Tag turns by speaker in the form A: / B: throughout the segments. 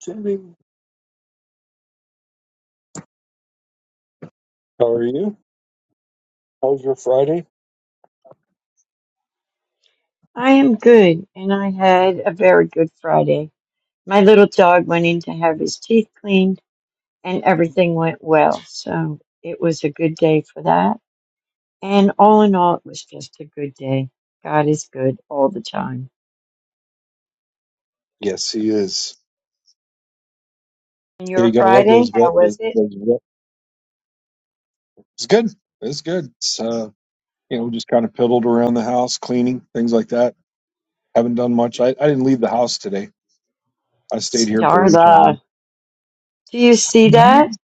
A: Jimmy, how are you? How was your Friday?
B: I am good, and I had a very good Friday. My little dog went in to have his teeth cleaned, and everything went well. So it was a good day for that. And all in all, it was just a good day. God is good all the time.
A: Yes, he is.
B: And
A: Yeah, you
B: your
A: gotta love those
B: Friday, how
A: vet.
B: was
A: vis-
B: it?
A: Those vet. It's good. It's good. It's uh, you know, just kind of piddled around the house, cleaning things like that. Haven't done much. I, I didn't leave the house today. I stayed here pretty much all day.
B: Starla, do you see
A: No,
B: that?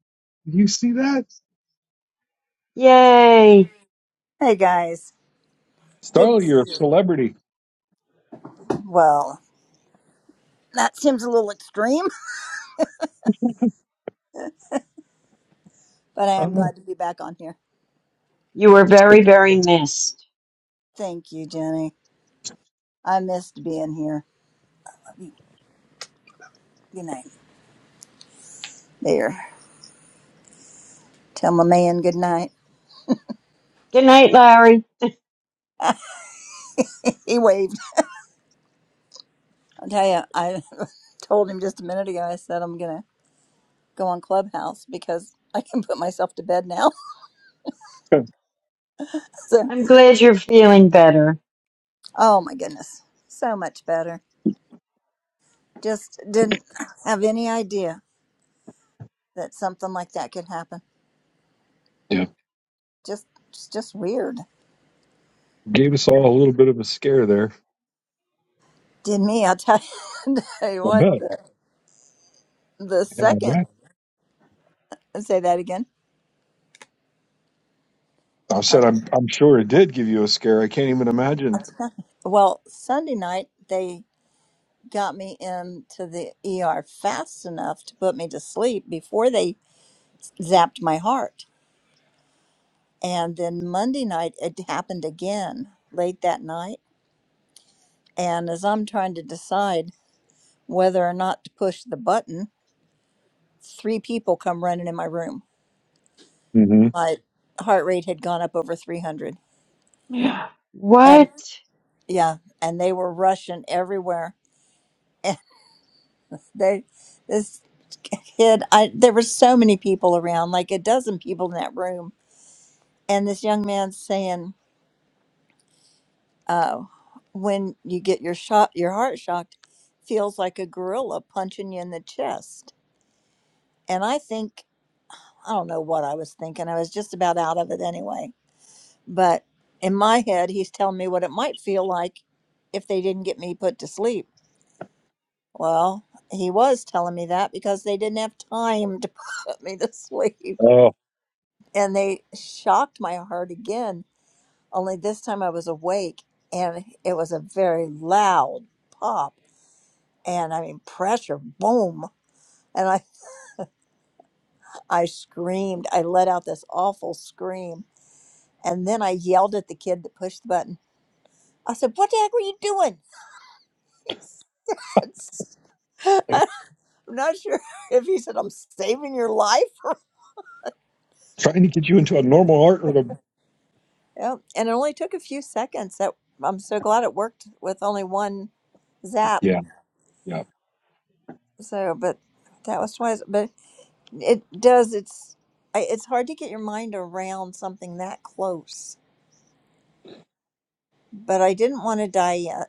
A: you see that?
B: Yay!
C: Hey guys, good to
A: Starla, you're
C: see
A: a
C: you.
A: celebrity.
C: Well, that seems a little extreme, but I am
A: Oh,
C: glad to be back on here.
B: You were very, very missed.
C: Thank you, Jenny. I missed being here. Good night. There. Tell my man good night.
B: Good night, Larry.
C: He waved. I'll tell you, I told him just a minute ago, I said I'm going to go on Clubhouse because I can put myself to bed now. So,
B: I'm glad you're feeling better.
C: oh my goodness. So much better. Just didn't have any idea that something like that could happen.
A: yeah,
C: Just, it's just weird.
A: gave us all a little bit of a scare there.
C: Did me? I'll tell you, tell you
A: I
C: what.
A: bet.
C: The, the
A: Yeah, I
C: second,
A: bet.
C: say that again.
A: I
C: Uh,
A: said I'm, I did give you a scare. I can't even
C: I'll
A: imagine.
C: tell you. Well, Sunday night they got me into the ER fast enough to put me to sleep before they zapped my heart, and then Monday night it happened again late that night. And as I'm trying to decide whether or not to push the button, three people come running in my room.
A: hmm
C: My heart rate had gone up over 300, and.
B: What?
C: yeah, and they were rushing everywhere. And they, this kid, I there were so many people around, like a dozen people in that room, and this young man saying, "Oh, when you get your shot, your heart shocked, feels like a gorilla punching you in the chest." And I think I don't know what I was thinking. I was just about out of it anyway. But in my head, he's telling me what it might feel like if they didn't get me put to sleep. Well, he was telling me that because they didn't have time to put me to sleep.
A: Oh,
C: And they shocked my heart again, only this time I was awake and it was a very loud pop. And I mean, pressure, boom. And I, I screamed. I let out this awful scream. And then I yelled at the kid that pushed the button. I said, What the heck were you doing? He said, I'm not sure if he said, I'm saving your life
A: trying to get you into a normal art or the
C: Yep. And it only took a few seconds. That I'm so glad it worked with only one zap.
A: yeah. Yeah.
C: So, but that was twice. But it does. It's I, it's hard to get your mind around something that close. But I didn't want to die yet.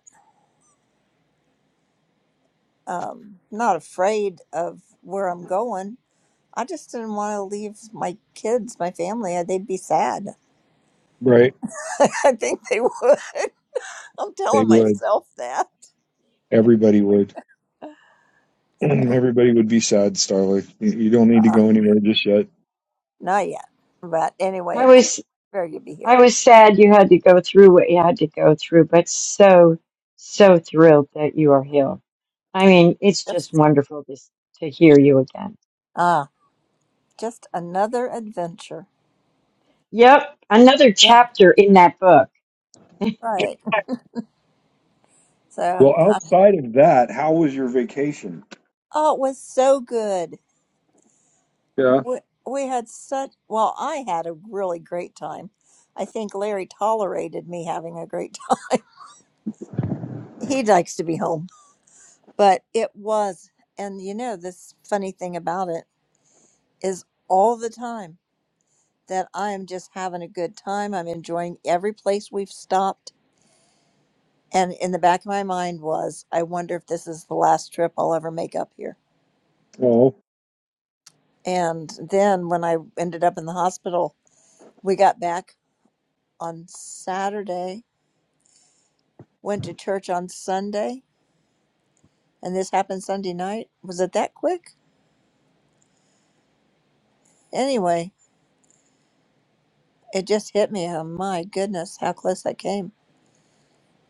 C: Um, not afraid of where I'm going. I just didn't want to leave my kids, my family. Uh, They'd be sad.
A: Right.
C: I think they would. I'm
A: They
C: telling
A: would.
C: myself that.
A: Everybody would. Everybody would be sad, Starlight. You you don't need to
C: Uh,
A: go anywhere just yet.
C: not yet. But anyway,
B: I
C: it's
B: was
C: very good to be
B: I
C: here.
B: was sad you had to go through what you had to go through, but so, so thrilled that you are healed. I mean, it's just wonderful to, to hear you again.
C: Ah. just another adventure.
B: Yep, another
C: Yep.
B: chapter in that book.
C: Right. So,
A: Well,
C: I,
A: outside of that,
C: oh, it was so good.
A: yeah.
C: We, we had such, well, I had a really great time. I think Larry tolerated me having a great time. He likes to be home, but it was, and you know, this funny thing about it is all the time that I am just having a good time. I'm enjoying every place we've stopped. And in the back of my mind was, I wonder if this is the last trip I'll ever make up here
A: Oh,
C: And then when I ended up in the hospital, we got back on Saturday, went to church on Sunday, and this happened Sunday night. Was it that quick? Anyway, it just hit me. Oh my goodness, how close I came.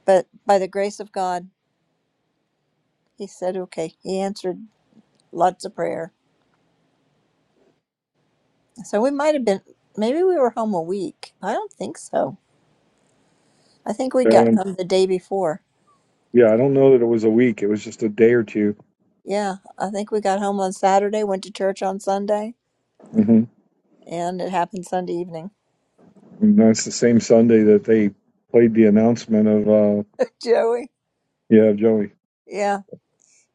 C: But by the grace of God, He said, okay. He answered lots of prayer. So we might have been, maybe we were home a week. I don't think so. I think we
A: I
C: got
A: don't,
C: home the day before.
A: yeah. I don't know that it was a week. It was just a day or 2
C: Yeah, I think we got home on Saturday, went to church on Sunday,
A: hmm
C: and it happened Sunday evening.
A: And that's the same Sunday that they played the announcement of, uh,
C: Joey.
A: yeah, Joey.
C: Yeah.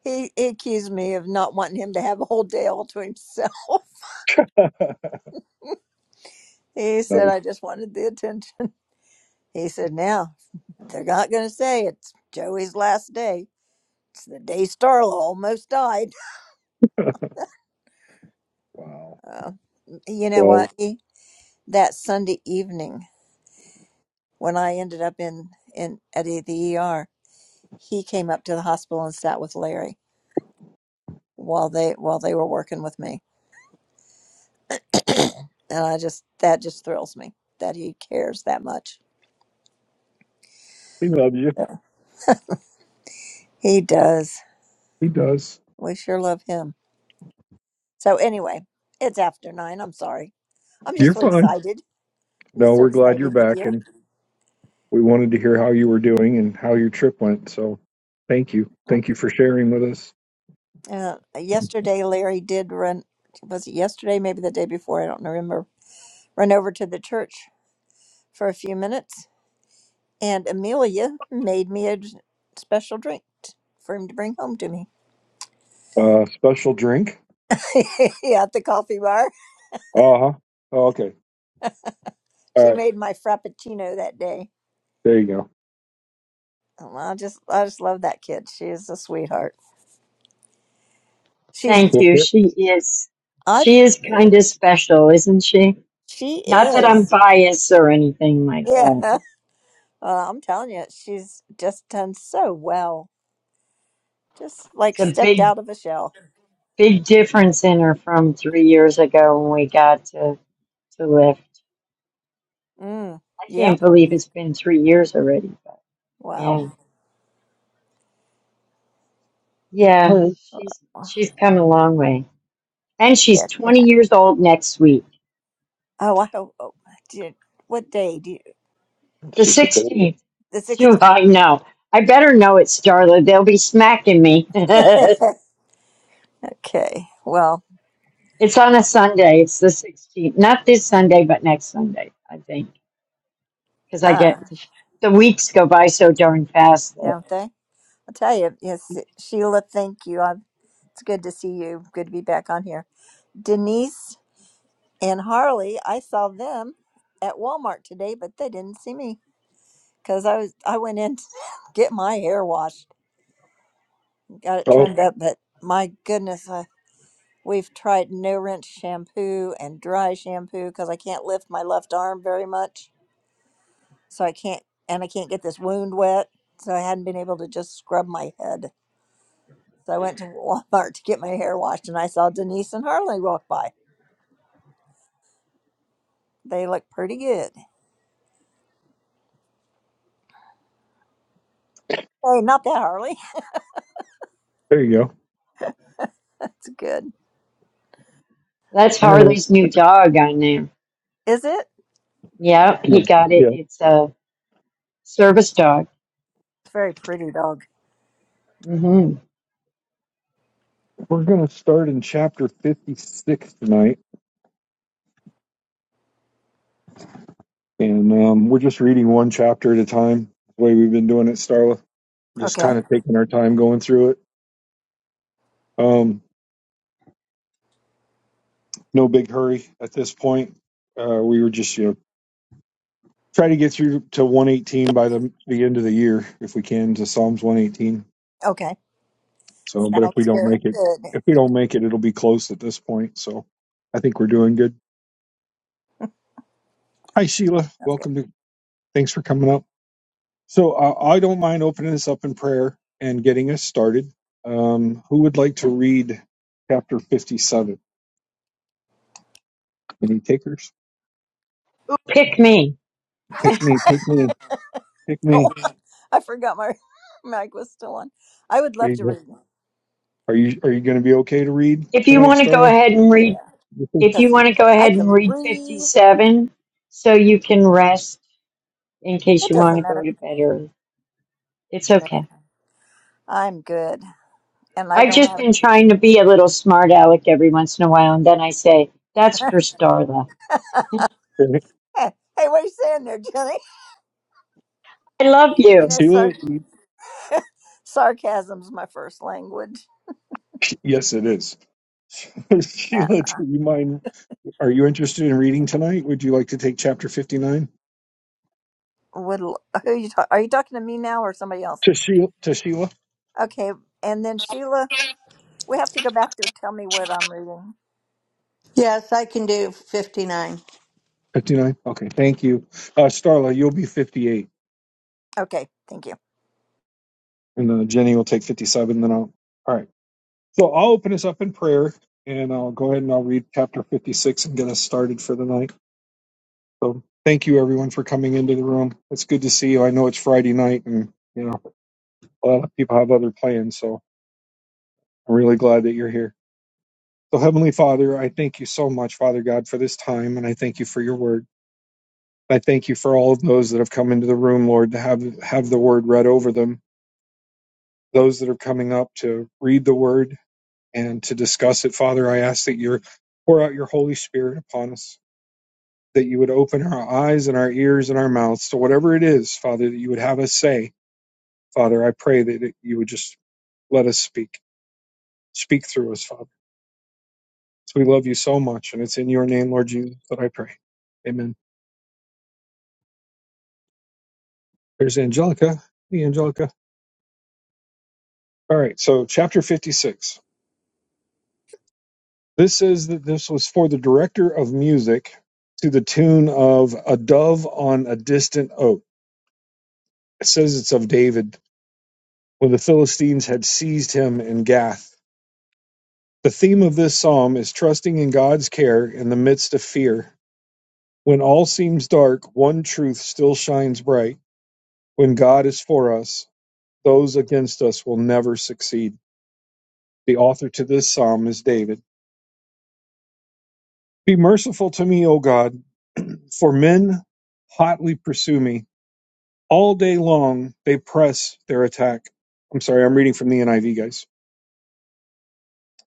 C: He, he accused me of not wanting him to have a whole day all to himself. He said,
A: No.
C: I just wanted the attention. He said, now they're not going to say it's Joey's last day. It's the day Starla almost died.
A: Wow.
C: Uh, you know
A: Well,
C: what? He, that Sunday evening when I ended up in, in at E, the ER, he came up to the hospital and sat with Larry while they while they were working with me. and I just that just thrills me that he cares that much.
A: he loves you.
C: He does.
A: He does.
C: We sure love him. So anyway, it's after nine. I'm sorry. I'm just
A: You're
C: so
A: fine.
C: excited. I'm
A: No,
C: just so
A: we're glad you're
C: excited with
A: back,
C: you.
A: and we wanted to hear how you were doing and how your trip went. So, thank you.
C: Uh,
A: Thank you for sharing with us.
C: uh, yesterday, Larry did run. Was it yesterday? Maybe the day before. I don't remember. Run over to the church for a few minutes, and Amelia made me a d- special drink t- for him to bring home to me.
A: Uh, special drink.
C: yeah, at the coffee bar.
A: Uh huh. Oh, okay. All
C: She
A: right.
C: made my frappuccino that day.
A: There you go.
C: Oh, I just, I just love that kid. She is a sweetheart. She's,
B: Thank
A: Well,
B: you.
A: per-
B: She is,
C: I,
B: she is
C: yeah.
B: kind of special, isn't she?
C: She
B: Not that I'm
C: is.
B: biased or anything like that.
C: Yeah. Uh, I'm telling you, she's just done so well. Just
B: It's
C: like
B: a
C: stepped
B: big,
C: out of a shell.
B: big difference in her from three years ago when we got to, to lift.
C: Mm.
B: I
C: Yeah.
B: can't believe it's been three years already, but yeah.
C: Wow.
A: All
B: Yeah,
A: right.
B: she's
C: Uh,
B: she's come a long way. And she's
C: Yeah.
B: 20 years old next week.
C: Oh, I hope. Oh, did, what day do you?
B: The
A: It's just a baby.
B: 16th.
C: The
B: Do I know? I better know it, Starla. They'll be smacking me. it's
C: 16th? okay. Well,
B: on a Sunday. It's the 16th. Not this Sunday, but next Sunday, I think. Because I get
C: uh,
B: the weeks go by so darn fast that
C: don't they? I'll tell you. Yes, Sheila, thank you. i it's good to see you. Good to be back on here. Denise and Harley, I saw them at Walmart today, but they didn't see me. because I was I went in to get my hair washed, got it
A: Oh,
C: trimmed up, but my goodness, I, we've tried no rinse shampoo and dry shampoo because I can't lift my left arm very much, so I can't and I can't get this wound wet, so I hadn't been able to just scrub my head. So I went to Walmart to get my hair washed, and I saw Denise and Harley walk by. They look pretty good. Hey, not that Harley.
A: there you go.
C: That's good.
B: that's
A: All right.
B: Harley's new dog on there.
C: Is it?
B: Yeah,
A: Yeah.
B: he got it.
A: Yeah.
B: It's a service dog.
C: It's a very pretty dog.
B: hmm
A: We're gonna start in chapter fifty-six tonight, and um, we're just reading one chapter at a time. The way we've been doing it, Starla. Just
C: Okay.
A: kind of taking our time going through it. Um, no big hurry at this point. Uh, we were just you know try to get through to one eighteen by the the end of the year if we can to Psalms one eighteen
C: Okay.
A: So, but if we
C: Sounds
A: don't
C: very
A: make it,
C: good.
A: if we don't make it, it'll be close at this point. So, I think we're doing good. Hi, Sheila.
C: Sounds good.
A: Welcome to. Thanks for coming up. So, uh, I don't mind opening this up in prayer and getting us started. Um, who would like to read chapter fifty-seven? Any takers?
B: Pick me.
A: Pick me. Pick me. Pick me.
C: Oh, I forgot my mic was still on. I would
A: There
C: love
A: you
C: to
A: go.
C: read. one.
A: Are you Are you going to be okay to read
B: If you
A: tonight,
B: want to go
A: Starla?
B: ahead and read
C: Yeah,
B: If you
C: because
B: want to go
C: I
B: ahead and
C: can
B: read
C: breathe.
B: 57 so you can rest in case
C: It
B: you want to
C: doesn't
B: go
C: matter.
B: to bed early, it's
C: Yeah,
B: okay.
C: I'm good, and I
B: I've
C: don't
B: just been
C: have.
B: trying to be a little smart aleck every once in a while, and then I say, That's for Starla. I
C: hey, what are you saying there, Jenny?
B: love
C: You know,
B: you.
C: sar-
A: Sheila.
C: sarcasm's my first language.
A: Yes, it is.
C: Yeah.
A: Sheila, do you mind? Are you interested in reading tonight? Would you like to take chapter 59?
C: Would l- who you talk- are you talking to me now or somebody else?
A: To Sheila? To Sheila?
C: Okay, and then Sheila, we have to go back to tell me what I'm reading.
D: Yes, I can do 59.
A: Fifty-nine. Okay, thank you, uh, Starla. You'll be fifty-eight,
C: Okay, thank you.
A: and uh, Jenny will take fifty-seven. Then I'll. All right. So I'll open us up in prayer, and I'll go ahead and I'll read chapter fifty-six and get us started for the night. So thank you everyone for coming into the room. It's good to see you. I know it's Friday night and you know a lot of people have other plans, so I'm really glad that you're here. So Heavenly Father, I thank you so much, Father God, for this time and I thank you for your word. I thank you for all of those that have come into the room, Lord, to have have the word read over them. Those that are coming up to read the word and to discuss it, Father, I ask that you pour out your Holy Spirit upon us, that you would open our eyes and our ears and our mouths to whatever it is, Father, that you would have us say Father, I pray that you would just let us speak. Speak through us, Father. So we love you so much, and it's in your name, Lord Jesus, that I pray. Amen. There's Angelica. Hey, Angelica. All right, so chapter 56. This says that this was for the director of music to the tune of A Dove on a Distant Oak. It says it's of David when the Philistines had seized him in Gath. The theme of this psalm is trusting in God's care in the midst of fear When all seems dark, one truth still shines bright. When God is for us, those against us will never succeed. The author to this psalm is David. Be merciful to me, O God, for men hotly pursue me. All day long they press their attack. I'm sorry, I'm reading from the NIV, guys.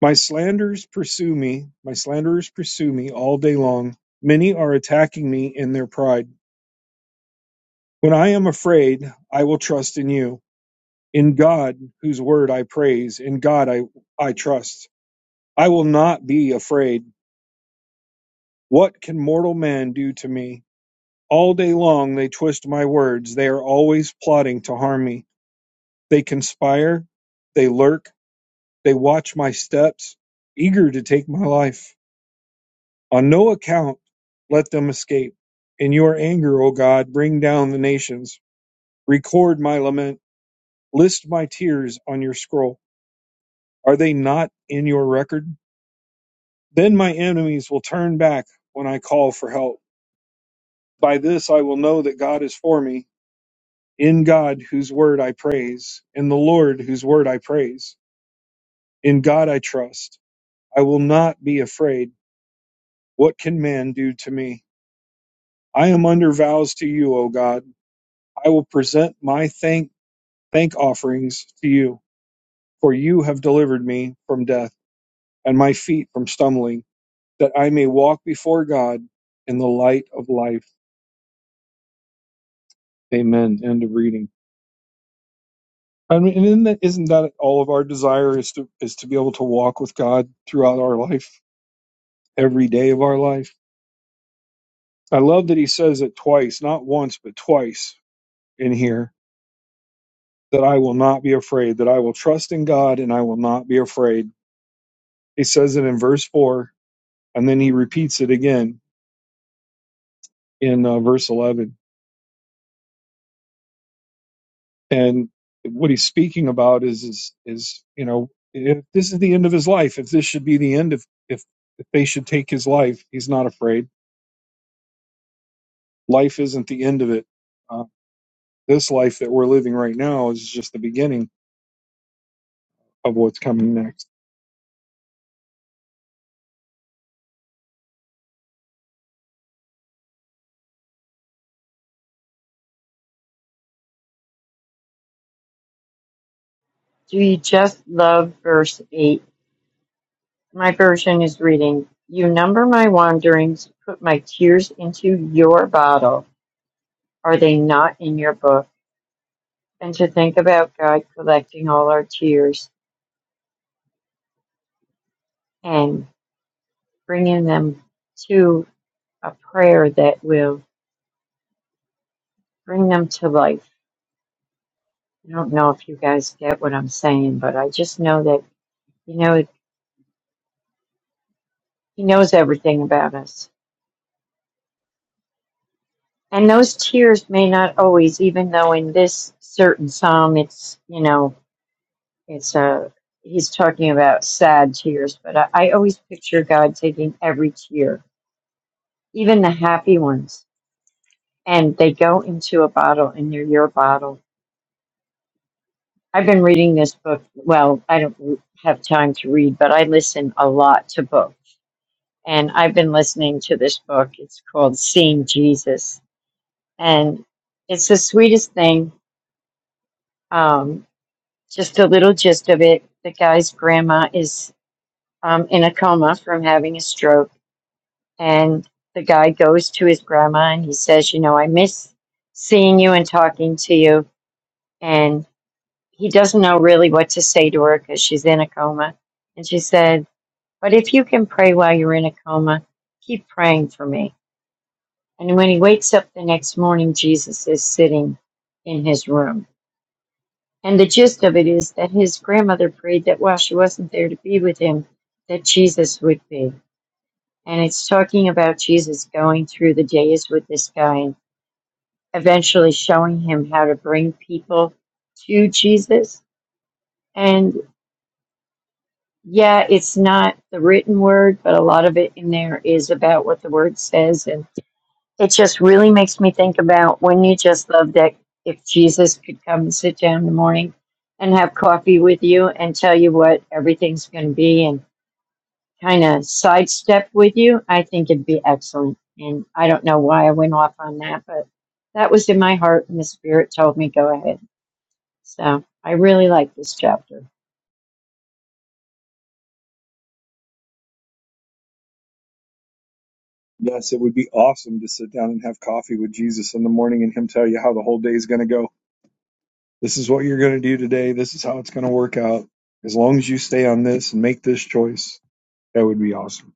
A: My slanders pursue me. My slanderers pursue me all day long. Many are attacking me in their pride. When I am afraid, I will trust in you. In God, whose word I praise, in God I, I trust. I will not be afraid. What can mortal man do to me? All day long they twist my words. They are always plotting to harm me. They conspire, they lurk, they watch my steps, eager to take my life. On no account let them escape. In your anger, O God, bring down the nations. Record my lament. List my tears on your scroll. Are they not in your record? Then my enemies will turn back when I call for help. By this I will know that God is for me, in God whose word I praise, in the Lord whose word I praise. In God I trust. I will not be afraid. What can man do to me? I am under vows to you, O God. I will present my thank thank offerings to you, for you have delivered me from death and my feet from stumbling, that I may walk before God in the light of life. Amen. End of reading. I mean, and isn't that, isn't that all of our desire is to is to be able to walk with God throughout our life, every day of our life? I love that he says it twice, not once, but twice in here, that I will not be afraid, that I will trust in God and I will not be afraid. He says it in verse 4, and then he repeats it again in uh, verse 11. And what he's speaking about is, is, is, you know, if this is the end of his life, if this should be the end, if, if, if they should take his life, he's not afraid life isn't the end of it. Uh, this life that we're living right now is just the beginning of what's coming next.
B: We just love verse 8. My version is reading, You number my wanderings, put my tears into your bottle. Are they not in your book? And to think about God collecting all our tears. and bringing them to a prayer that will bring them to life. I don't know if you guys get what I'm saying, but I just know that, you know, He knows everything about us. And those tears may not always, even though in this certain psalm, it's, you know, it's a, he's talking about sad tears, but I, I always picture God taking every tear, even the happy ones, and they go into a bottle and they're your bottle I've been reading this book. Well, I don't r- have time to read, but I listen a lot to books. And I've been listening to this book. It's called Seeing Jesus. And it's the sweetest thing. Um, just a little gist of it. The guy's grandma is um, in a coma from having a stroke. And the guy goes to his grandma and he says, You know, I miss seeing you and talking to you. And he doesn't know really what to say to her because she's in a coma. And she said, But if you can pray while you're in a coma, keep praying for me. And when he wakes up the next morning, Jesus is sitting in his room. And the gist of it is that his grandmother prayed that while she wasn't there to be with him, that Jesus would be. And it's talking about Jesus going through the days with this guy and eventually showing him how to bring people to Jesus. And yeah, it's not the written word, but a lot of it in there is about what the word says. and. It just really makes me think about when you just love that if Jesus could come and sit down in the morning and have coffee with you and tell you what everything's going to be and kind of sidestep with you, I think it'd be excellent. And I don't know why I went off on that, but that was in my heart and the Spirit told me go ahead. So I really like this chapter.
A: Yes, it would be awesome to sit down and have coffee with Jesus in the morning and him tell you how the whole day is going to go. This is what you're going to do today. This is how it's going to work out. As long as you stay on this and make this choice, that would be awesome.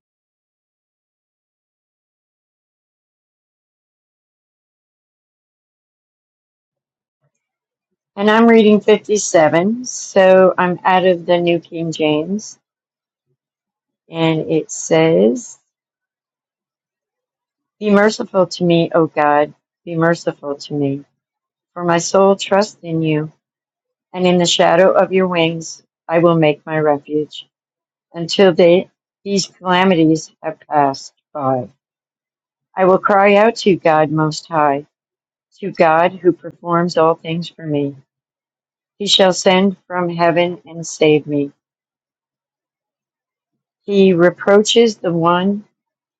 B: And I'm reading 57, so I'm out of the New King James and it says, Be merciful to me, O God, be merciful to me, for my soul trusts in you, and in the shadow of your wings I will make my refuge until they, these calamities have passed by. I will cry out to God Most High, to God who performs all things for me. He shall send from heaven and save me. He reproaches the one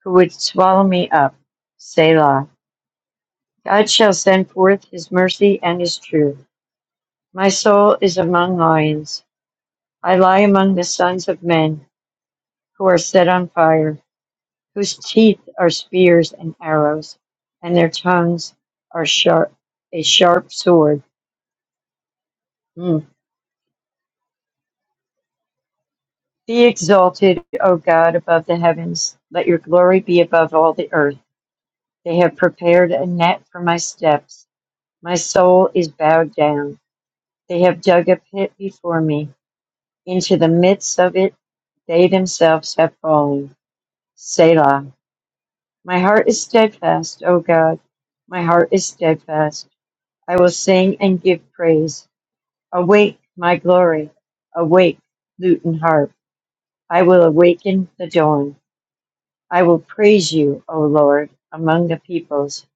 B: who would swallow me up. Selah. God shall send forth his mercy and his truth. My soul is among lions. I lie among the sons of men who are set on fire, whose teeth are spears and arrows, and their tongues are sharp, a sharp sword. Mm. Be exalted, O God, above the heavens. Let your glory be above all the earth. They have prepared a net for my steps. My soul is bowed down. They have dug a pit before me. Into the midst of it, they themselves have fallen. Selah. My heart is steadfast, O God. My heart is steadfast. I will sing and give praise. Awake, my glory. Awake, lute and harp. I will awaken the dawn. I will praise you, O Lord, among the peoples.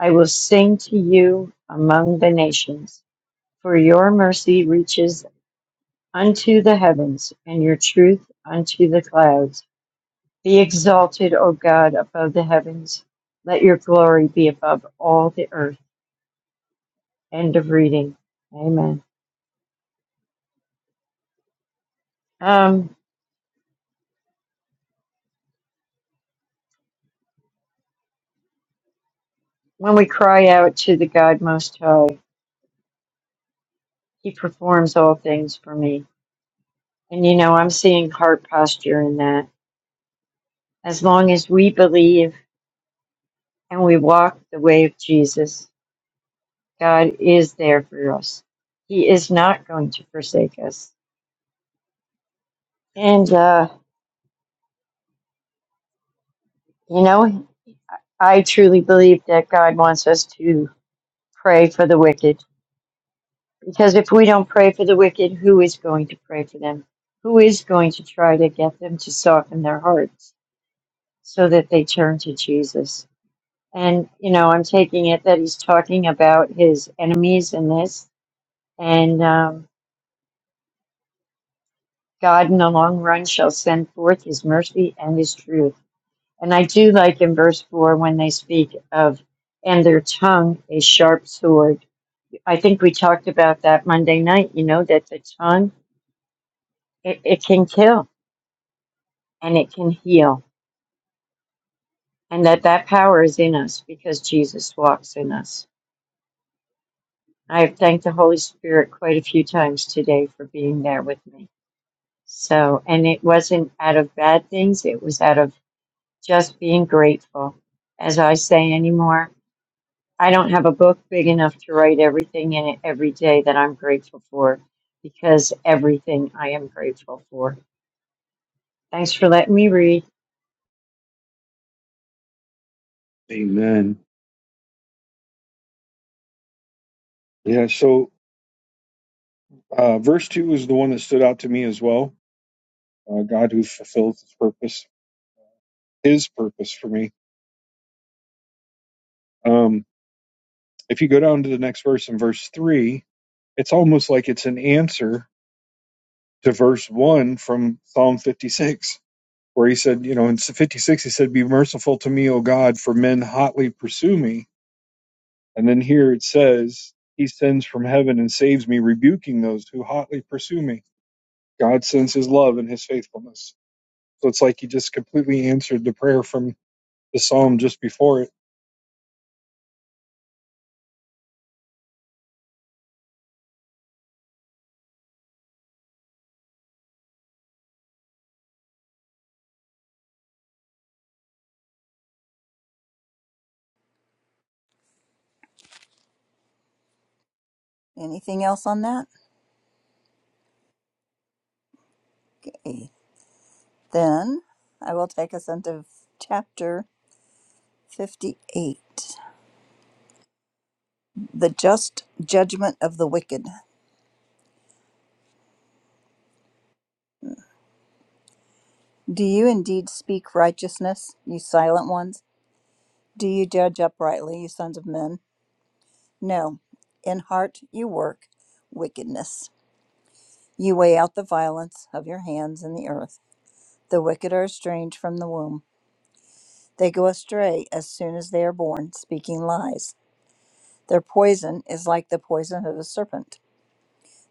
B: I will sing to you among the nations. For your mercy reaches unto the heavens, and your truth unto the clouds. Be exalted, O God, above the heavens. Let your glory be above all the earth. End of reading. Amen. Um, when we cry out to the God Most High, He performs all things for me. And you know, I'm seeing heart posture in that. As long as we believe and we walk the way of Jesus, God is there for us. He is not going to forsake us. And, uh, you know, I truly believe that God wants us to pray for the wicked Because if we don't pray for the wicked, who is going to pray for them? Who is going to try to get them to soften their hearts so that they turn to Jesus? And, you know, I'm taking it that he's talking about his enemies in this. And um, God in the long run shall send forth his mercy and his truth. And I do like in verse 4 when they speak of, and their tongue a sharp sword. I think we talked about that Monday night, you know, that the tongue, it, it can kill and it can heal, and that that power is in us because Jesus walks in us. I have thanked the Holy Spirit quite a few times today for being there with me. So, and it wasn't out of bad things, it was out of just being grateful. As I say anymore, I don't have a book big enough to write everything in it every day that I'm grateful for because everything I am grateful for. Thanks for letting me read.
A: Amen. Yeah, so uh, verse 2 is the one that stood out to me as well. Uh, God who fulfills his purpose, his purpose for me. Um, if you go down to the next verse in verse 3, it's almost like it's an answer to verse 1 from Psalm 56, where he said, you know, in 56, he said, Be merciful to me, O God, for men hotly pursue me. And then here it says, He sends from heaven and saves me, rebuking those who hotly pursue me. God sends his love and his faithfulness. So it's like he just completely answered the prayer from the psalm just before it.
C: Anything else on that? Okay, Then I will take us into chapter 58. The just judgment of the wicked. Do you indeed speak righteousness, you silent ones? Do you judge uprightly, you sons of men? No, in heart you work wickedness. You weigh out the violence of your hands in the earth. The wicked are estranged from the womb. They go astray as soon as they are born, speaking lies. Their poison is like the poison of the serpent.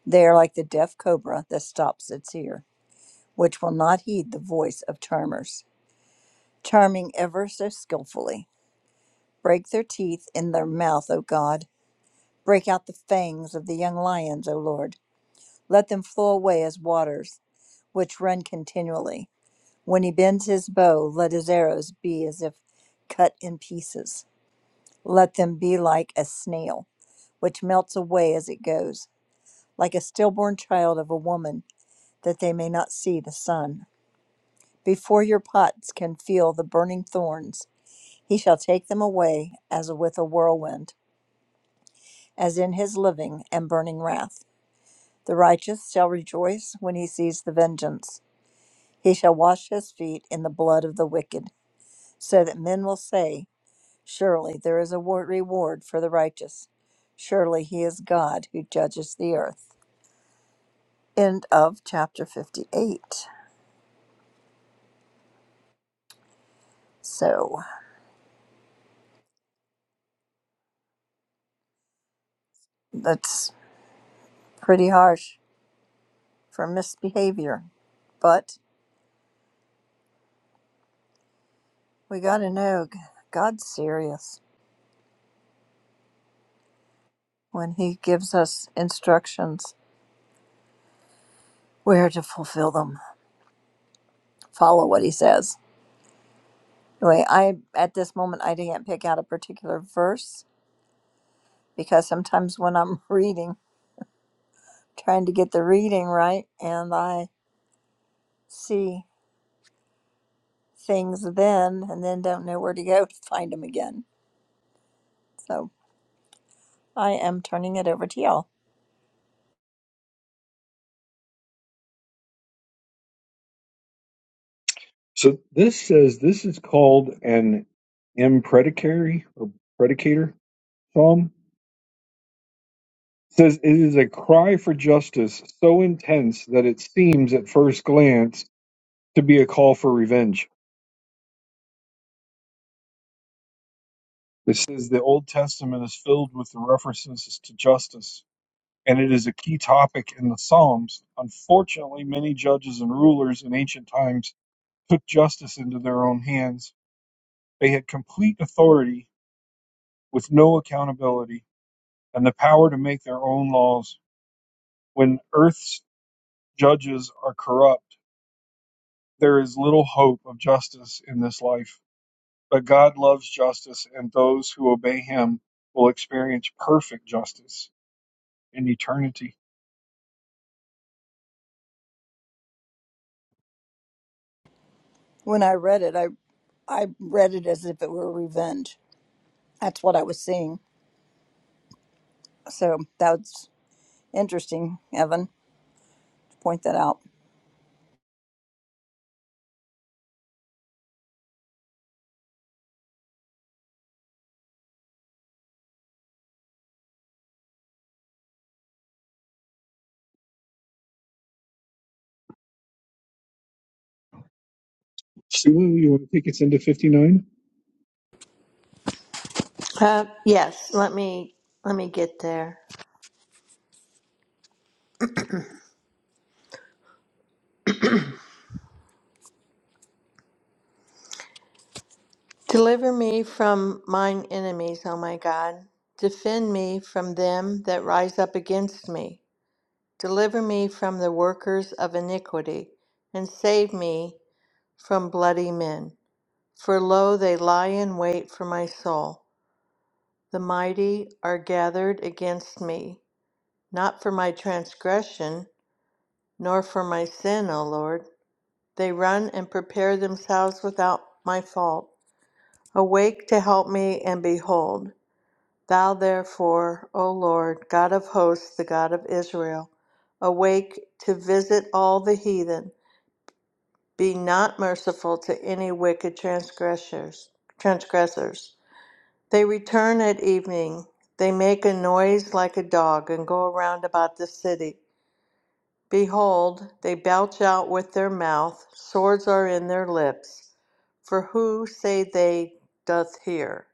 C: They are like the deaf cobra that stops its ear, which will not heed the voice of charmers. charming ever so skilfully. Break their teeth in their mouth, O God. Break out the fangs of the young lions, O Lord. Let them flow away as waters, which run continually. When he bends his bow, let his arrows be as if cut in pieces. Let them be like a snail, which melts away as it goes, like a stillborn child of a woman, that they may not see the sun. Before your pots can feel the burning thorns, He shall take them away as with a whirlwind, as in his living and burning wrath. The righteous shall rejoice when he sees the vengeance. He shall wash his feet in the blood of the wicked, so that men will say, Surely there is a reward for the righteous. Surely he is God who judges the earth. End of chapter 58. So that's pretty harsh for misbehavior. But we got to know God's serious. when he gives us instructions where to fulfill them. Follow what he says. Anyway, I at this moment I didn't pick out a particular verse because sometimes when I'm reading, trying to get the reading right, and I see things then and then don't know where to go to find them again. So I am turning it over to y'all.
A: So this says this is called an imprecatory or predicator psalm says it is a cry for justice so intense that it seems at first glance to be a call for revenge. It says the Old Testament is filled with the references to justice, and it is a key topic in the Psalms. Unfortunately, many judges and rulers in ancient times took justice into their own hands. They had complete authority with no accountability and the power to make their own laws. When earth's judges are corrupt, There is little hope of justice in this life, but God loves justice, and those who obey Him will experience perfect justice in eternity.
C: When I read it, I I read it as if it were revenge. That's what I was seeing. So that's interesting, Evan. to Point that out.
D: Uh, yes, let me let me get there. Deliver me from mine enemies, O my God. Defend me from them that rise up against me. Deliver me from the workers of iniquity, and save me from bloody men. For lo, they lie in wait for my soul. The mighty are gathered against me, not for my transgression, nor for my sin, O Lord. They run and prepare themselves without my fault. Awake to help me, and behold, thou therefore, O Lord, God of hosts, the God of Israel, awake to visit all the heathen. Be not merciful to any wicked transgressors. transgressors. They return at evening. They make a noise like a dog and go around about the city. Behold, they belch out with their mouth, swords are in their lips. For who say they doth hear?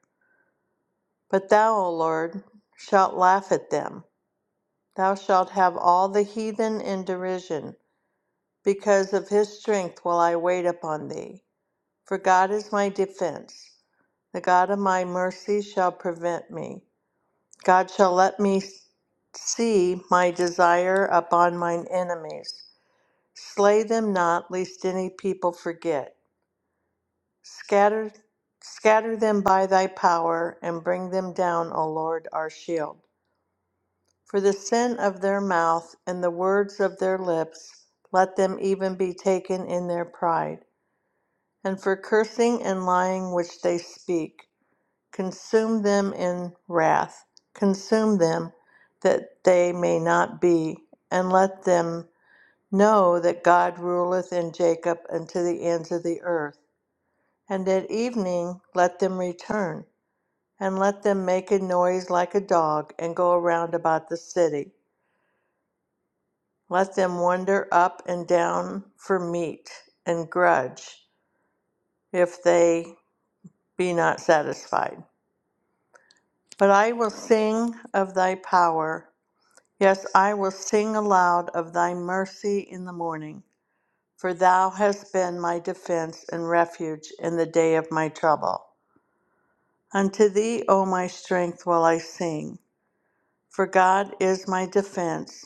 D: But thou, O Lord, shalt laugh at them. Thou shalt have all the heathen in derision. Because of his strength will I wait upon thee. For God is my defense. The God of my mercy shall prevent me. God shall let me see my desire upon mine enemies. Slay them not, lest any people forget. Scatter, scatter them by thy power, and bring them down, O Lord, our shield. For the sin of their mouth and the words of their lips, let them even be taken in their pride. And for cursing and lying which they speak, consume them in wrath, consume them, that they may not be, and let them Know that God ruleth in Jacob unto the ends of the earth. And at evening let them return, and let them make a noise like a dog, and go around about the city. Let them wander up and down for meat, and grudge, if they be not satisfied. But I will sing of thy power. Yes, I will sing aloud of thy mercy in the morning. For thou hast been my defense and refuge in the day of my trouble. Unto thee, O my strength, will I sing, for God is my defense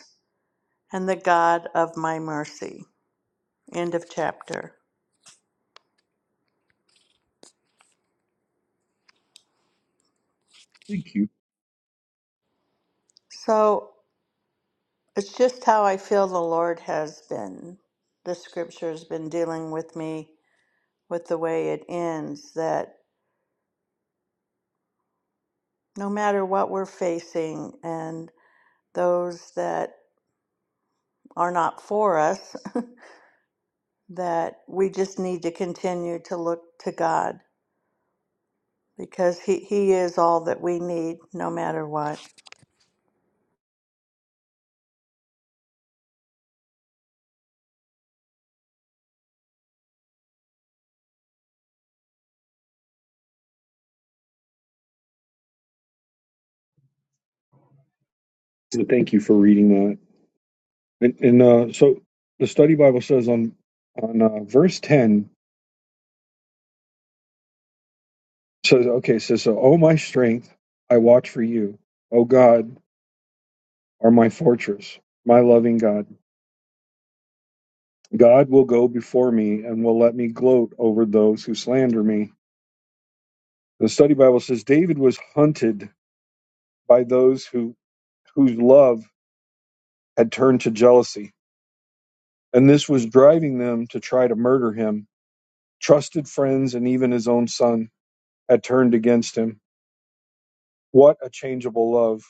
D: and the God of my mercy. End of chapter.
A: Thank you.
D: So it's just how I feel the Lord has been. The scripture has been dealing with me with the way it ends that no matter what we're facing and those that are not for us, that we just need to continue to look to God because He, he is all that we need no matter what.
A: The study Bible says on on uh, verse ten says, okay, it says so. O my strength, I watch for you. O God, are my fortress, my loving God. God will go before me and will let me gloat over those who slander me. The study Bible says David was hunted by those who whose love had turned to jealousy, and this was driving them to try to murder him. Trusted friends and even his own son had turned against him. What a changeable love.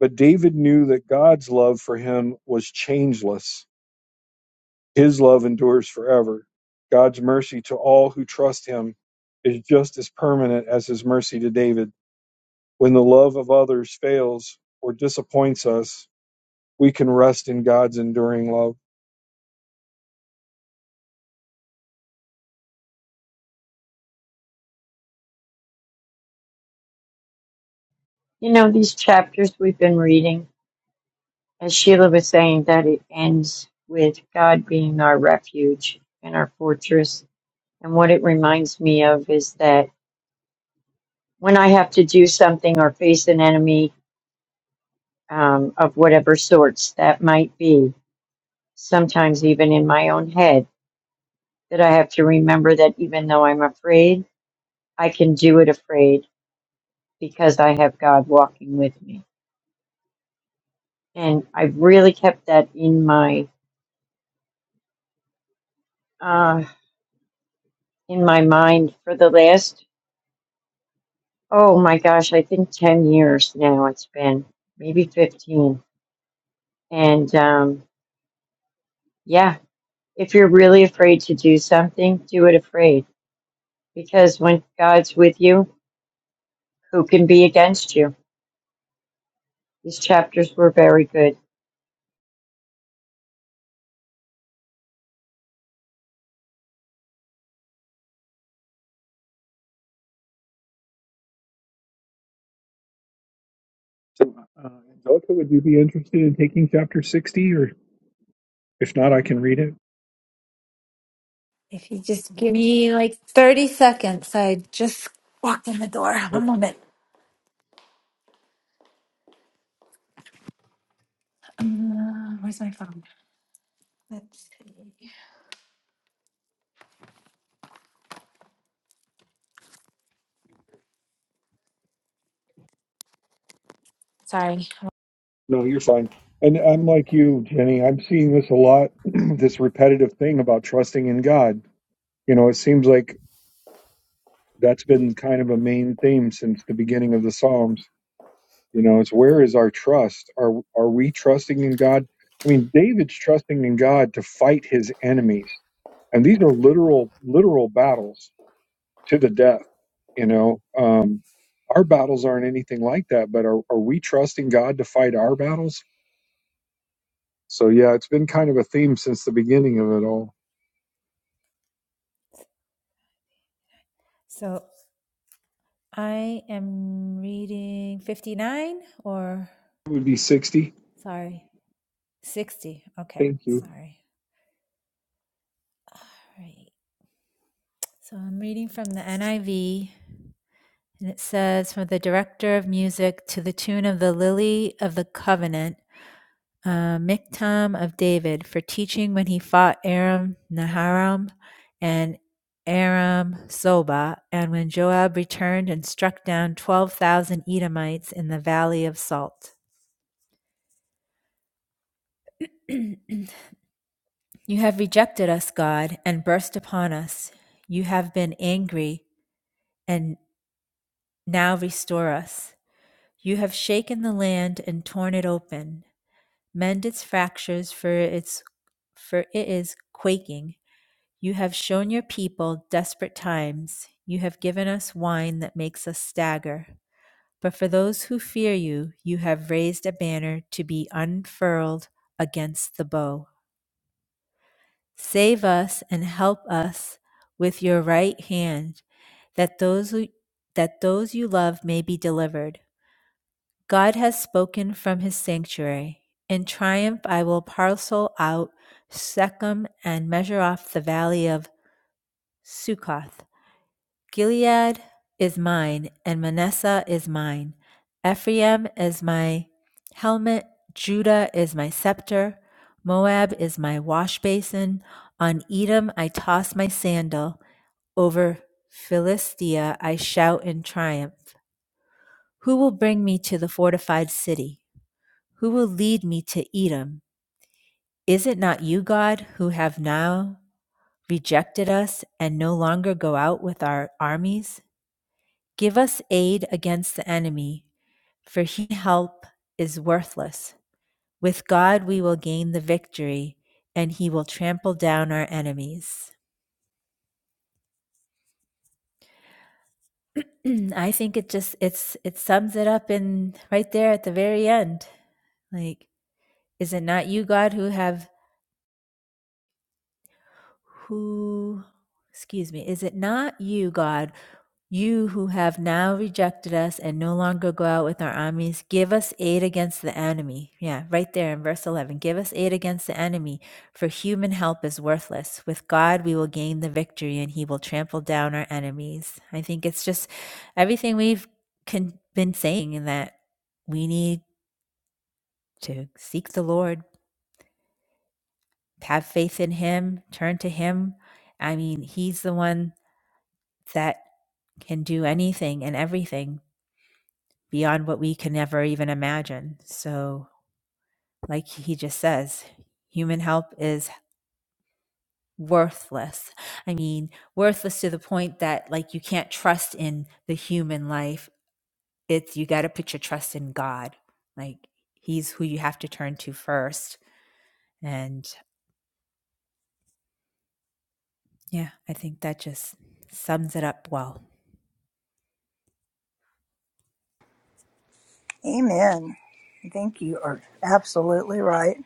A: But David knew that God's love for him was changeless. His love endures forever. God's mercy to all who trust him is just as permanent as his mercy to David. When the love of others fails or disappoints us, we can rest in God's enduring love.
B: You know, these chapters we've been reading, As Sheila was saying, that it ends with God being our refuge and our fortress. And what it reminds me of is that when I have to do something or face an enemy um, of whatever sorts that might be, sometimes even in my own head, that I have to remember that even though I'm afraid, I can do it afraid because I have God walking with me. And I've really kept that in my uh, in my mind for the last Oh my gosh, I think 10 years now it's been, maybe 15. And um, yeah, if you're really afraid to do something, do it afraid. Because when God's with you, who can be against you? These chapters were very good.
E: If you just give me like 30 seconds, I just walked in the door. One moment. Uh, where's my phone? Let's see. Sorry.
A: No, you're fine. And I'm like you, Jenny. I'm seeing this a lot, this repetitive thing about trusting in God. You know, it seems like that's been kind of a main theme since the beginning of the Psalms. You know, it's where is our trust? Are are we trusting in God? I mean, David's trusting in God to fight his enemies. And these are literal literal battles to the death, you know. Um our battles aren't anything like that, but are, are we trusting God to fight our battles? So yeah, it's been kind of a theme since the beginning of it all.
E: So I am reading 59 or
A: It would be 60.
E: sorry, 60. Okay,
A: Thank you.
E: sorry. All right. So I'm reading from the NIV and it says, From the director of music to the tune of the Lily of the Covenant. uh, Miktam of David for teaching when he fought Aram Naharam and Aram Zobah, and when Joab returned and struck down 12,000 Edomites in the Valley of Salt. You have rejected us, God, and burst upon us. You have been angry, and now restore us. You have shaken the land and torn it open. Mend its fractures, for its for it is quaking. You have shown your people desperate times. You have given us wine that makes us stagger. But for those who fear you, you have raised a banner to be unfurled against the bow. Save us and help us with your right hand, that those who, that those you love may be delivered. God has spoken from his sanctuary. In triumph I will parcel out Shechem and measure off the valley of Succoth. Gilead is mine, and Manasseh is mine. Ephraim is my helmet, Judah is my scepter, Moab is my washbasin. On Edom I toss my sandal, over Philistia I shout in triumph. Who will bring me to the fortified city? Who will lead me to Edom? Is it not you, God, who have now rejected us and no longer go out with our armies? Give us aid against the enemy, for he help is worthless. With God we will gain the victory, and he will trample down our enemies. I think it just it's it sums it up in right there at the very end. Like, is it not you, God, who have who excuse me, is it not you, God, You who have now rejected us and no longer go out with our armies, give us aid against the enemy. Yeah, right there in verse 11. Give us aid against the enemy, for human help is worthless. With God, we will gain the victory and he will trample down our enemies. I think it's just everything we've con- been saying in that we need to seek the Lord, have faith in him, turn to him. I mean, he's the one that can do anything and everything beyond what we can never even imagine. So, like he just says, human help is worthless. I mean, worthless to the point that like you can't trust in the human life. It's you got to put your trust in God. Like he's who you have to turn to first. And yeah, I think that just sums it up well.
C: Amen. I think you are absolutely right.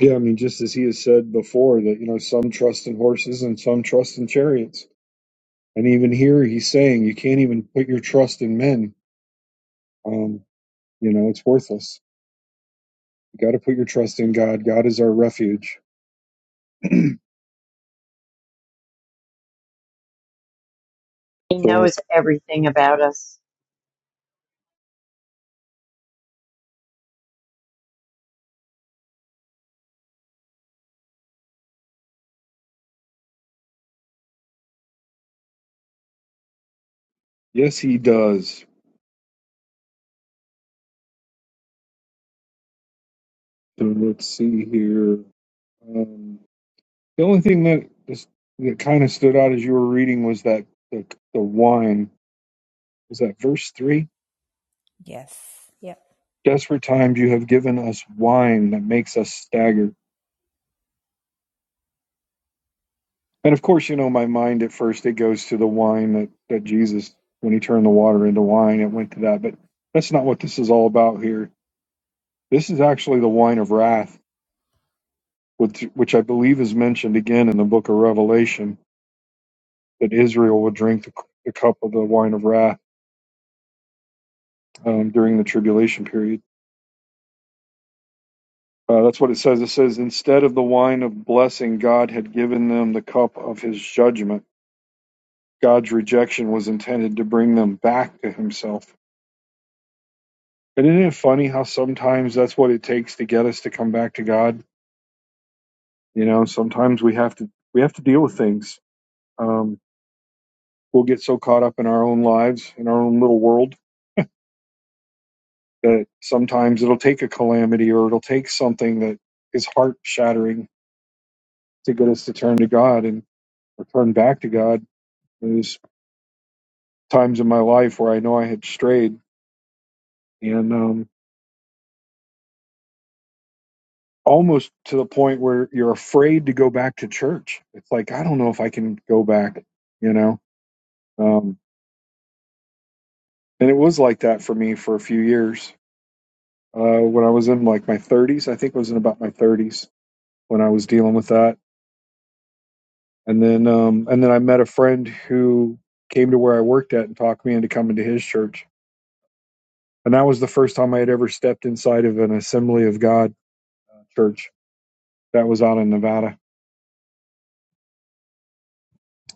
A: Yeah, I mean, just as he has said before, that, you know, some trust in horses and some trust in chariots. And even here, he's saying you can't even put your trust in men. Um, you know, it's worthless. You got to put your trust in God. God is our refuge.
B: He
A: so,
B: knows everything about us.
A: yes, he does. So let's see here. Um, the only thing that, just, that kind of stood out as you were reading was that the, the wine. Was that verse 3?
E: Yes. Yep.
A: Desperate times you have given us wine that makes us stagger. And of course, you know, my mind at first it goes to the wine that, that Jesus, when he turned the water into wine, it went to that. But that's not what this is all about here. This is actually the wine of wrath, which, which I believe is mentioned again in the book of Revelation, that Israel would drink the, the cup of the wine of wrath um, during the tribulation period. Uh, that's what it says. It says, instead of the wine of blessing, God had given them the cup of his judgment God's rejection was intended to bring them back to Himself. And isn't it funny how sometimes that's what it takes to get us to come back to God? You know, sometimes we have to we have to deal with things. Um, we'll get so caught up in our own lives, in our own little world, that sometimes it'll take a calamity or it'll take something that is heart shattering to get us to turn to God and or turn back to God. There's times in my life where I know I had strayed, and um, almost to the point where you're afraid to go back to church. It's like, I don't know if I can go back, you know? Um, and it was like that for me for a few years. Uh, when I was in like my 30s, I think it was in about my 30s when I was dealing with that. And then, um, and then I met a friend who came to where I worked at and talked me into coming to his church. And that was the first time I had ever stepped inside of an Assembly of God church that was out in Nevada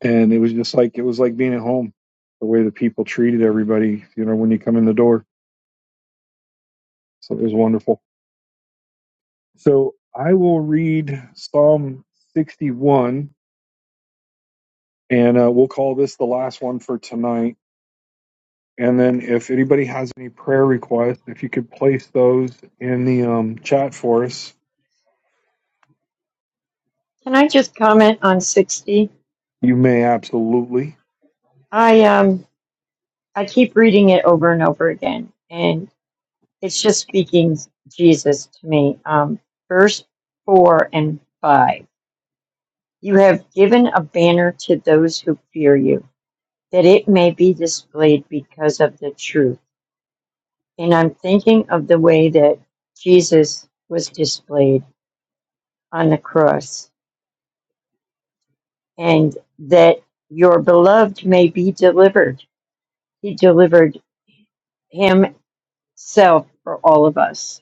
A: and it was just like it was like being at home the way the people treated everybody you know when you come in the door so it was wonderful so i will read psalm 61 and uh, we'll call this the last one for tonight and then if anybody has any prayer requests if you could place those in the um, chat for us
B: Can I just comment on 60?
A: you may absolutely
B: I um I keep reading it over and over again, and it's just speaking Jesus to me. Um, verse 4 and 5. You have given a banner to those who fear you, that it may be displayed because of the truth. And I'm thinking of the way that Jesus was displayed on the cross, and that your beloved may be delivered. He delivered himself for all of us.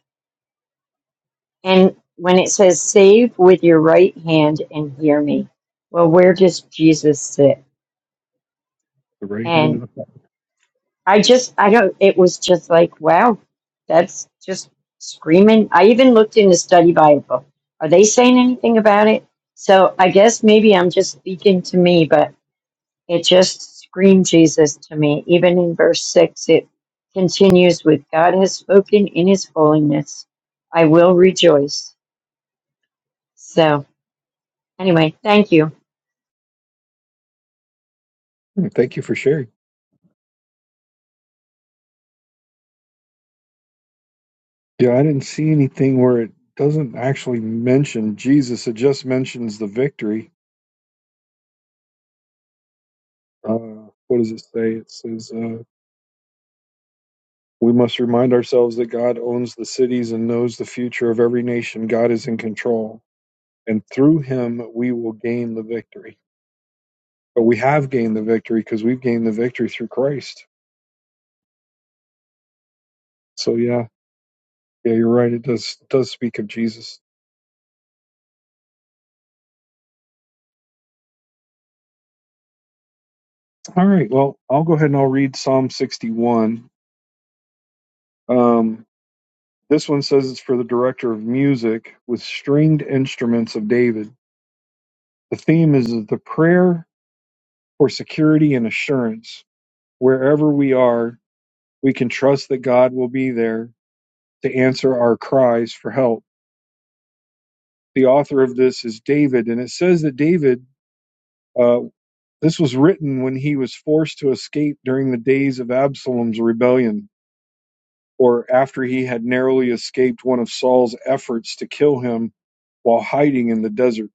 B: And when it says, save with your right hand and hear me, well, where does Jesus sit?
A: the right hand
B: And
A: of the Father.
B: I just, I don't, it was just like, wow, that's just screaming. I even looked in the study Bible. Are they saying anything about it? So I guess maybe I'm just speaking to me, but it just screamed Jesus to me. Even in verse six, it continues with God has spoken in his holiness. I will rejoice. So anyway, thank you.
A: Hmm, thank you for sharing yeah i didn't see anything where it doesn't actually mention jesus it just mentions the victory uh, what does it say? It says, uh, we must remind ourselves that God owns the cities and knows the future of every nation. God is in control. And through him, we will gain the victory. But we have gained the victory because we've gained the victory through Christ. So, yeah, yeah, you're right. It does, does speak of Jesus. All right. Well, I'll go ahead and I'll read Psalm 61. Um, this one says it's for the director of music with stringed instruments of David. The theme is the prayer for security and assurance. Wherever we are, we can trust that God will be there to answer our cries for help. The author of this is David, and it says that David, uh, this was written when he was forced to escape during the days of Absalom's rebellion, or after he had narrowly escaped one of Saul's efforts to kill him while hiding in the desert.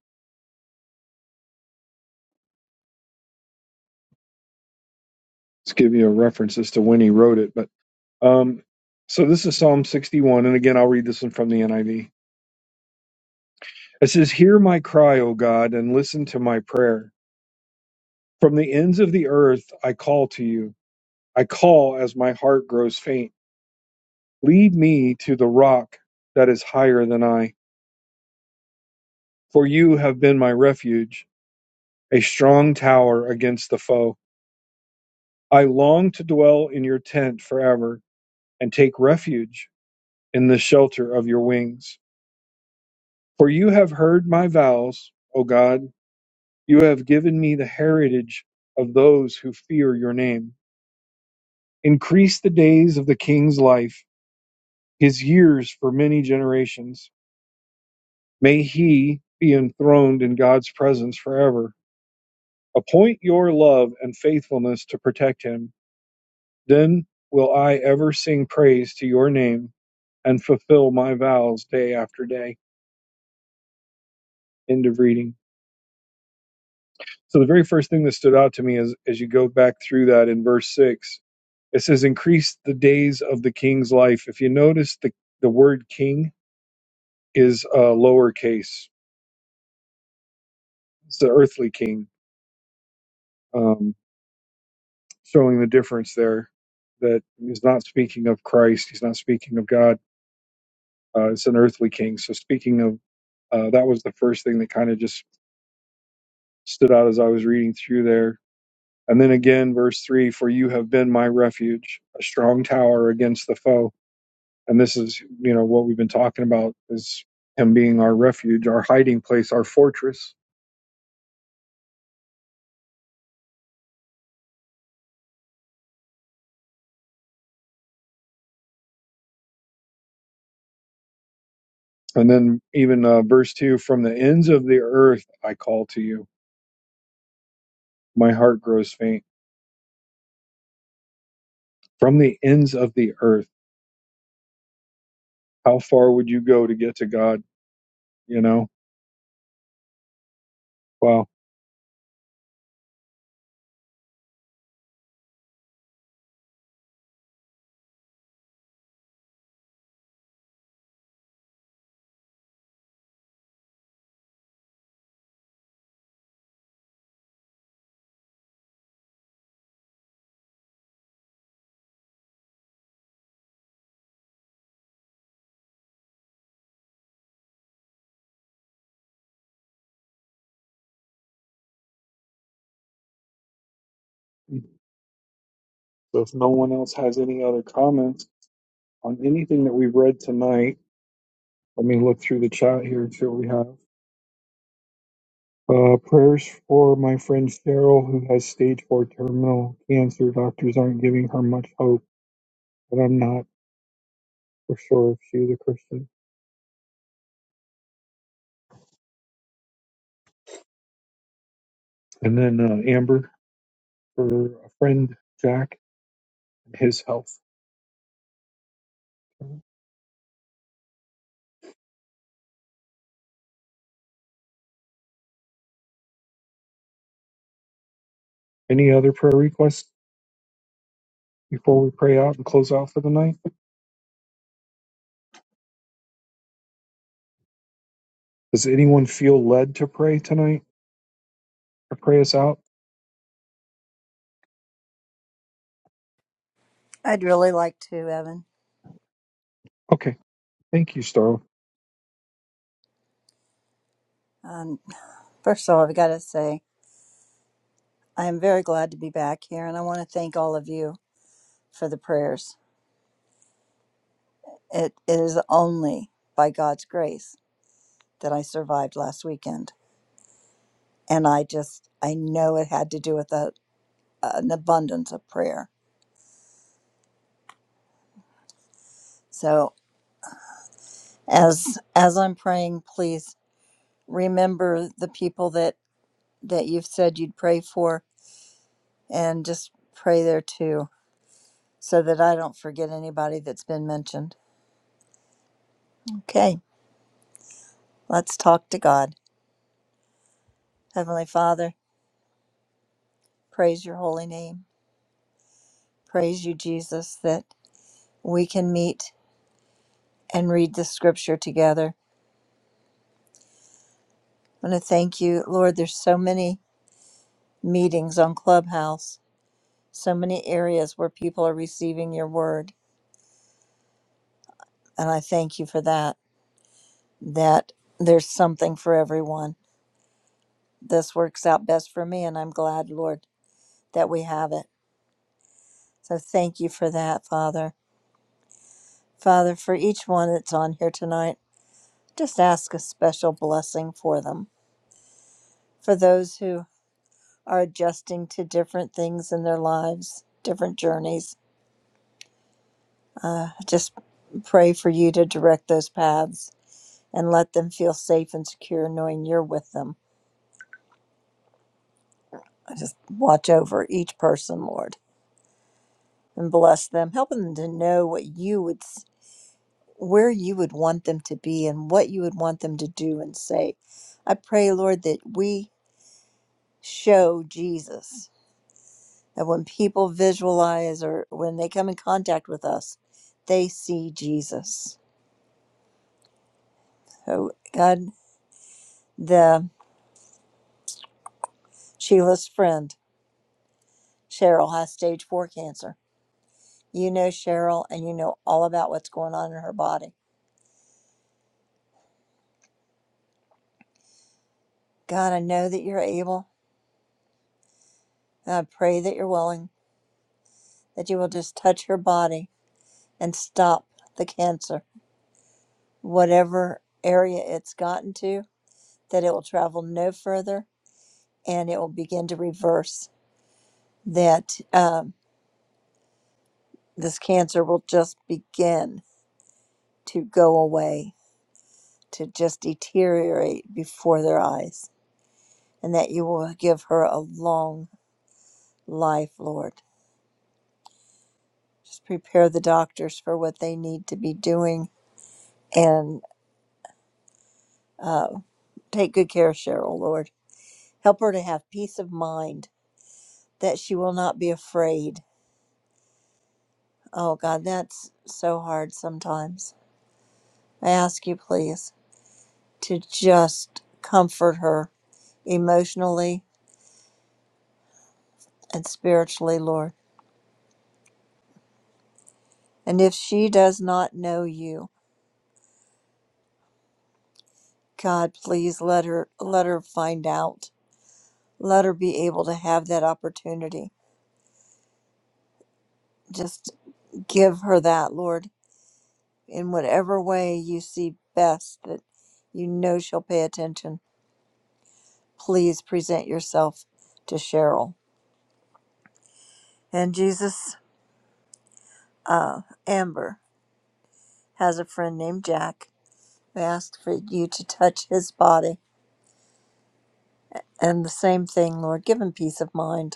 A: Let's give you a reference as to when he wrote it. But um, so this is Psalm 61, and again, I'll read this one from the NIV. It says, Hear my cry, O God, and listen to my prayer. From the ends of the earth I call to you. I call as my heart grows faint. Lead me to the rock that is higher than I, for you have been my refuge, a strong tower against the foe. I long to dwell in your tent forever and take refuge in the shelter of your wings. For you have heard my vows, O God. You have given me the heritage of those who fear your name. Increase the days of the king's life, his years for many generations. May he be enthroned in God's presence forever. Appoint your love and faithfulness to protect him. Then will I ever sing praise to your name and fulfill my vows day after day. End of reading. So the very first thing that stood out to me is as you go back through that in verse six, it says, Increase the days of the king's life. If you notice the, the word king is uh, lowercase It's the earthly king, um, showing the difference there that he's not speaking of Christ, he's not speaking of God. Uh, it's an earthly king. So, speaking of uh, that was the first thing that kind of just stood out as I was reading through there. And then again, verse three, for you have been my refuge, a strong tower against the foe. And this is, you know, what we've been talking about is him being our refuge, our hiding place, our fortress. And then even uh, verse two, from the ends of the earth I call to you My heart grows faint. From the ends of the earth, how far would you go to get to God? You know? Wow. So if no one else has any other comments on anything that we've read tonight, let me look through the chat here and see what we have. Uh, prayers for my friend Cheryl, who has stage four terminal cancer. Doctors aren't giving her much hope, but I'm not for sure if she is a Christian. And then uh, Amber for a friend Jack and his health. Any other prayer requests? before we pray out and close out for the night? Does anyone feel led to pray tonight or pray us out?
C: I'd really like to, Evan.
A: Okay. Thank you, Starla.
C: Um, first of all, I've got to say I am very glad to be back here, and I want to thank all of you for the prayers. It is only by God's grace that I survived last weekend, and I just I know it had to do with a, an abundance of prayer. So as as I'm praying, please remember the people that that you've said you'd pray for, and just pray there too so that I don't forget anybody that's been mentioned. Okay, let's talk to God. Heavenly Father, praise your holy name. Praise you, Jesus, that we can meet and read the scripture together. I want to thank you, Lord. There's so many meetings on Clubhouse, so many areas where people are receiving your word. And I thank you for that, that there's something for everyone. This works out best for me, and I'm glad, Lord, that we have it. So thank you for that, Father. Father, for each one that's on here tonight, just ask a special blessing for them, for those who are adjusting to different things in their lives, different journeys. Uh, just pray for you to direct those paths and let them feel safe and secure knowing you're with them. I just watch over each person, Lord, and bless them, helping them to know what you would, s- where you would want them to be and what you would want them to do and say. I pray, Lord, that we show Jesus. That when people visualize or when they come in contact with us, they see Jesus. So God, the Sheila's friend, Cheryl has stage four cancer. You know Cheryl and you know all about what's going on in her body. God, I know that you're able and I pray that you're willing, that you will just touch her body and stop the cancer, whatever area it's gotten to, that it will travel no further and it will begin to reverse that um, this cancer will just begin to go away, to just deteriorate before their eyes, and that you will give her a long life, Lord. Just prepare the doctors for what they need to be doing and uh, take good care of Cheryl, Lord. Help her to have peace of mind that she will not be afraid. Oh, God, that's so hard sometimes. I ask you, please, to just comfort her emotionally and spiritually, Lord. And if she does not know you, God, please let her let her find out. Let her be able to have that opportunity. Just give her that, Lord, in whatever way you see best that you know she'll pay attention. Please present yourself to Cheryl. And Jesus, uh, Amber has a friend named Jack. We ask for you to touch his body. And the same thing, Lord, give him peace of mind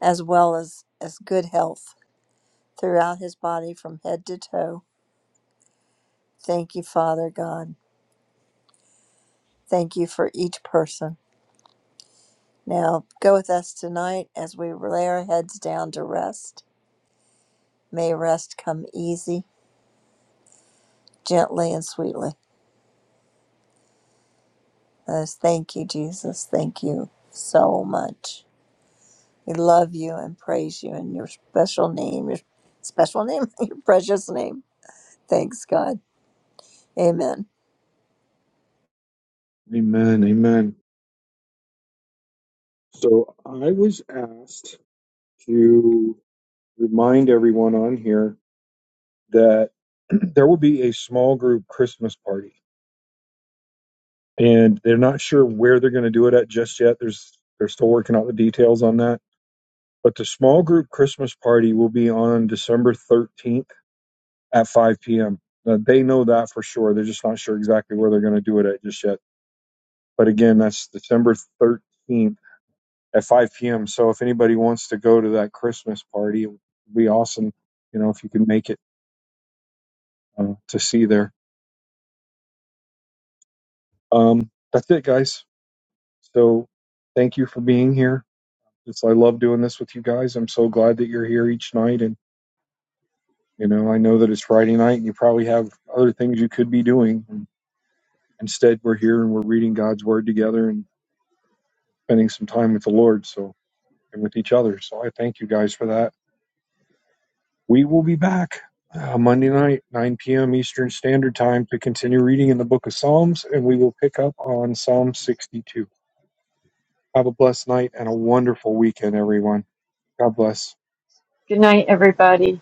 C: as well as, as good health throughout his body from head to toe. Thank you, Father God. Thank you for each person. Now, go with us tonight as we lay our heads down to rest. May rest come easy, gently, and sweetly. Let us thank you, Jesus. Thank you so much. We love you and praise you in your special name, your special name, your precious name. Thanks, God. Amen.
A: Amen. Amen. So I was asked to remind everyone on here that there will be a small group Christmas party, and they're not sure where they're going to do it at just yet. There's they're still working out the details on that. But the small group Christmas party will be on December 13th at 5 p.m. Uh, they know that for sure. They're just not sure exactly where they're going to do it at just yet. But again, that's December 13th at 5 p.m. So if anybody wants to go to that Christmas party, it would be awesome, you know, if you can make it uh, to see there. Um, that's it, guys. So thank you for being here. It's, I love doing this with you guys. I'm so glad that you're here each night. And, you know, I know that it's Friday night and you probably have other things you could be doing. And instead, we're here and we're reading God's word together And spending some time with the Lord, so and with each other. So I thank you guys for that. We will be back uh, Monday night, 9 p.m. Eastern Standard Time, to continue reading in the Book of Psalms, and we will pick up on Psalm 62. Have a blessed night and a wonderful weekend, everyone. God bless.
B: Good night, everybody.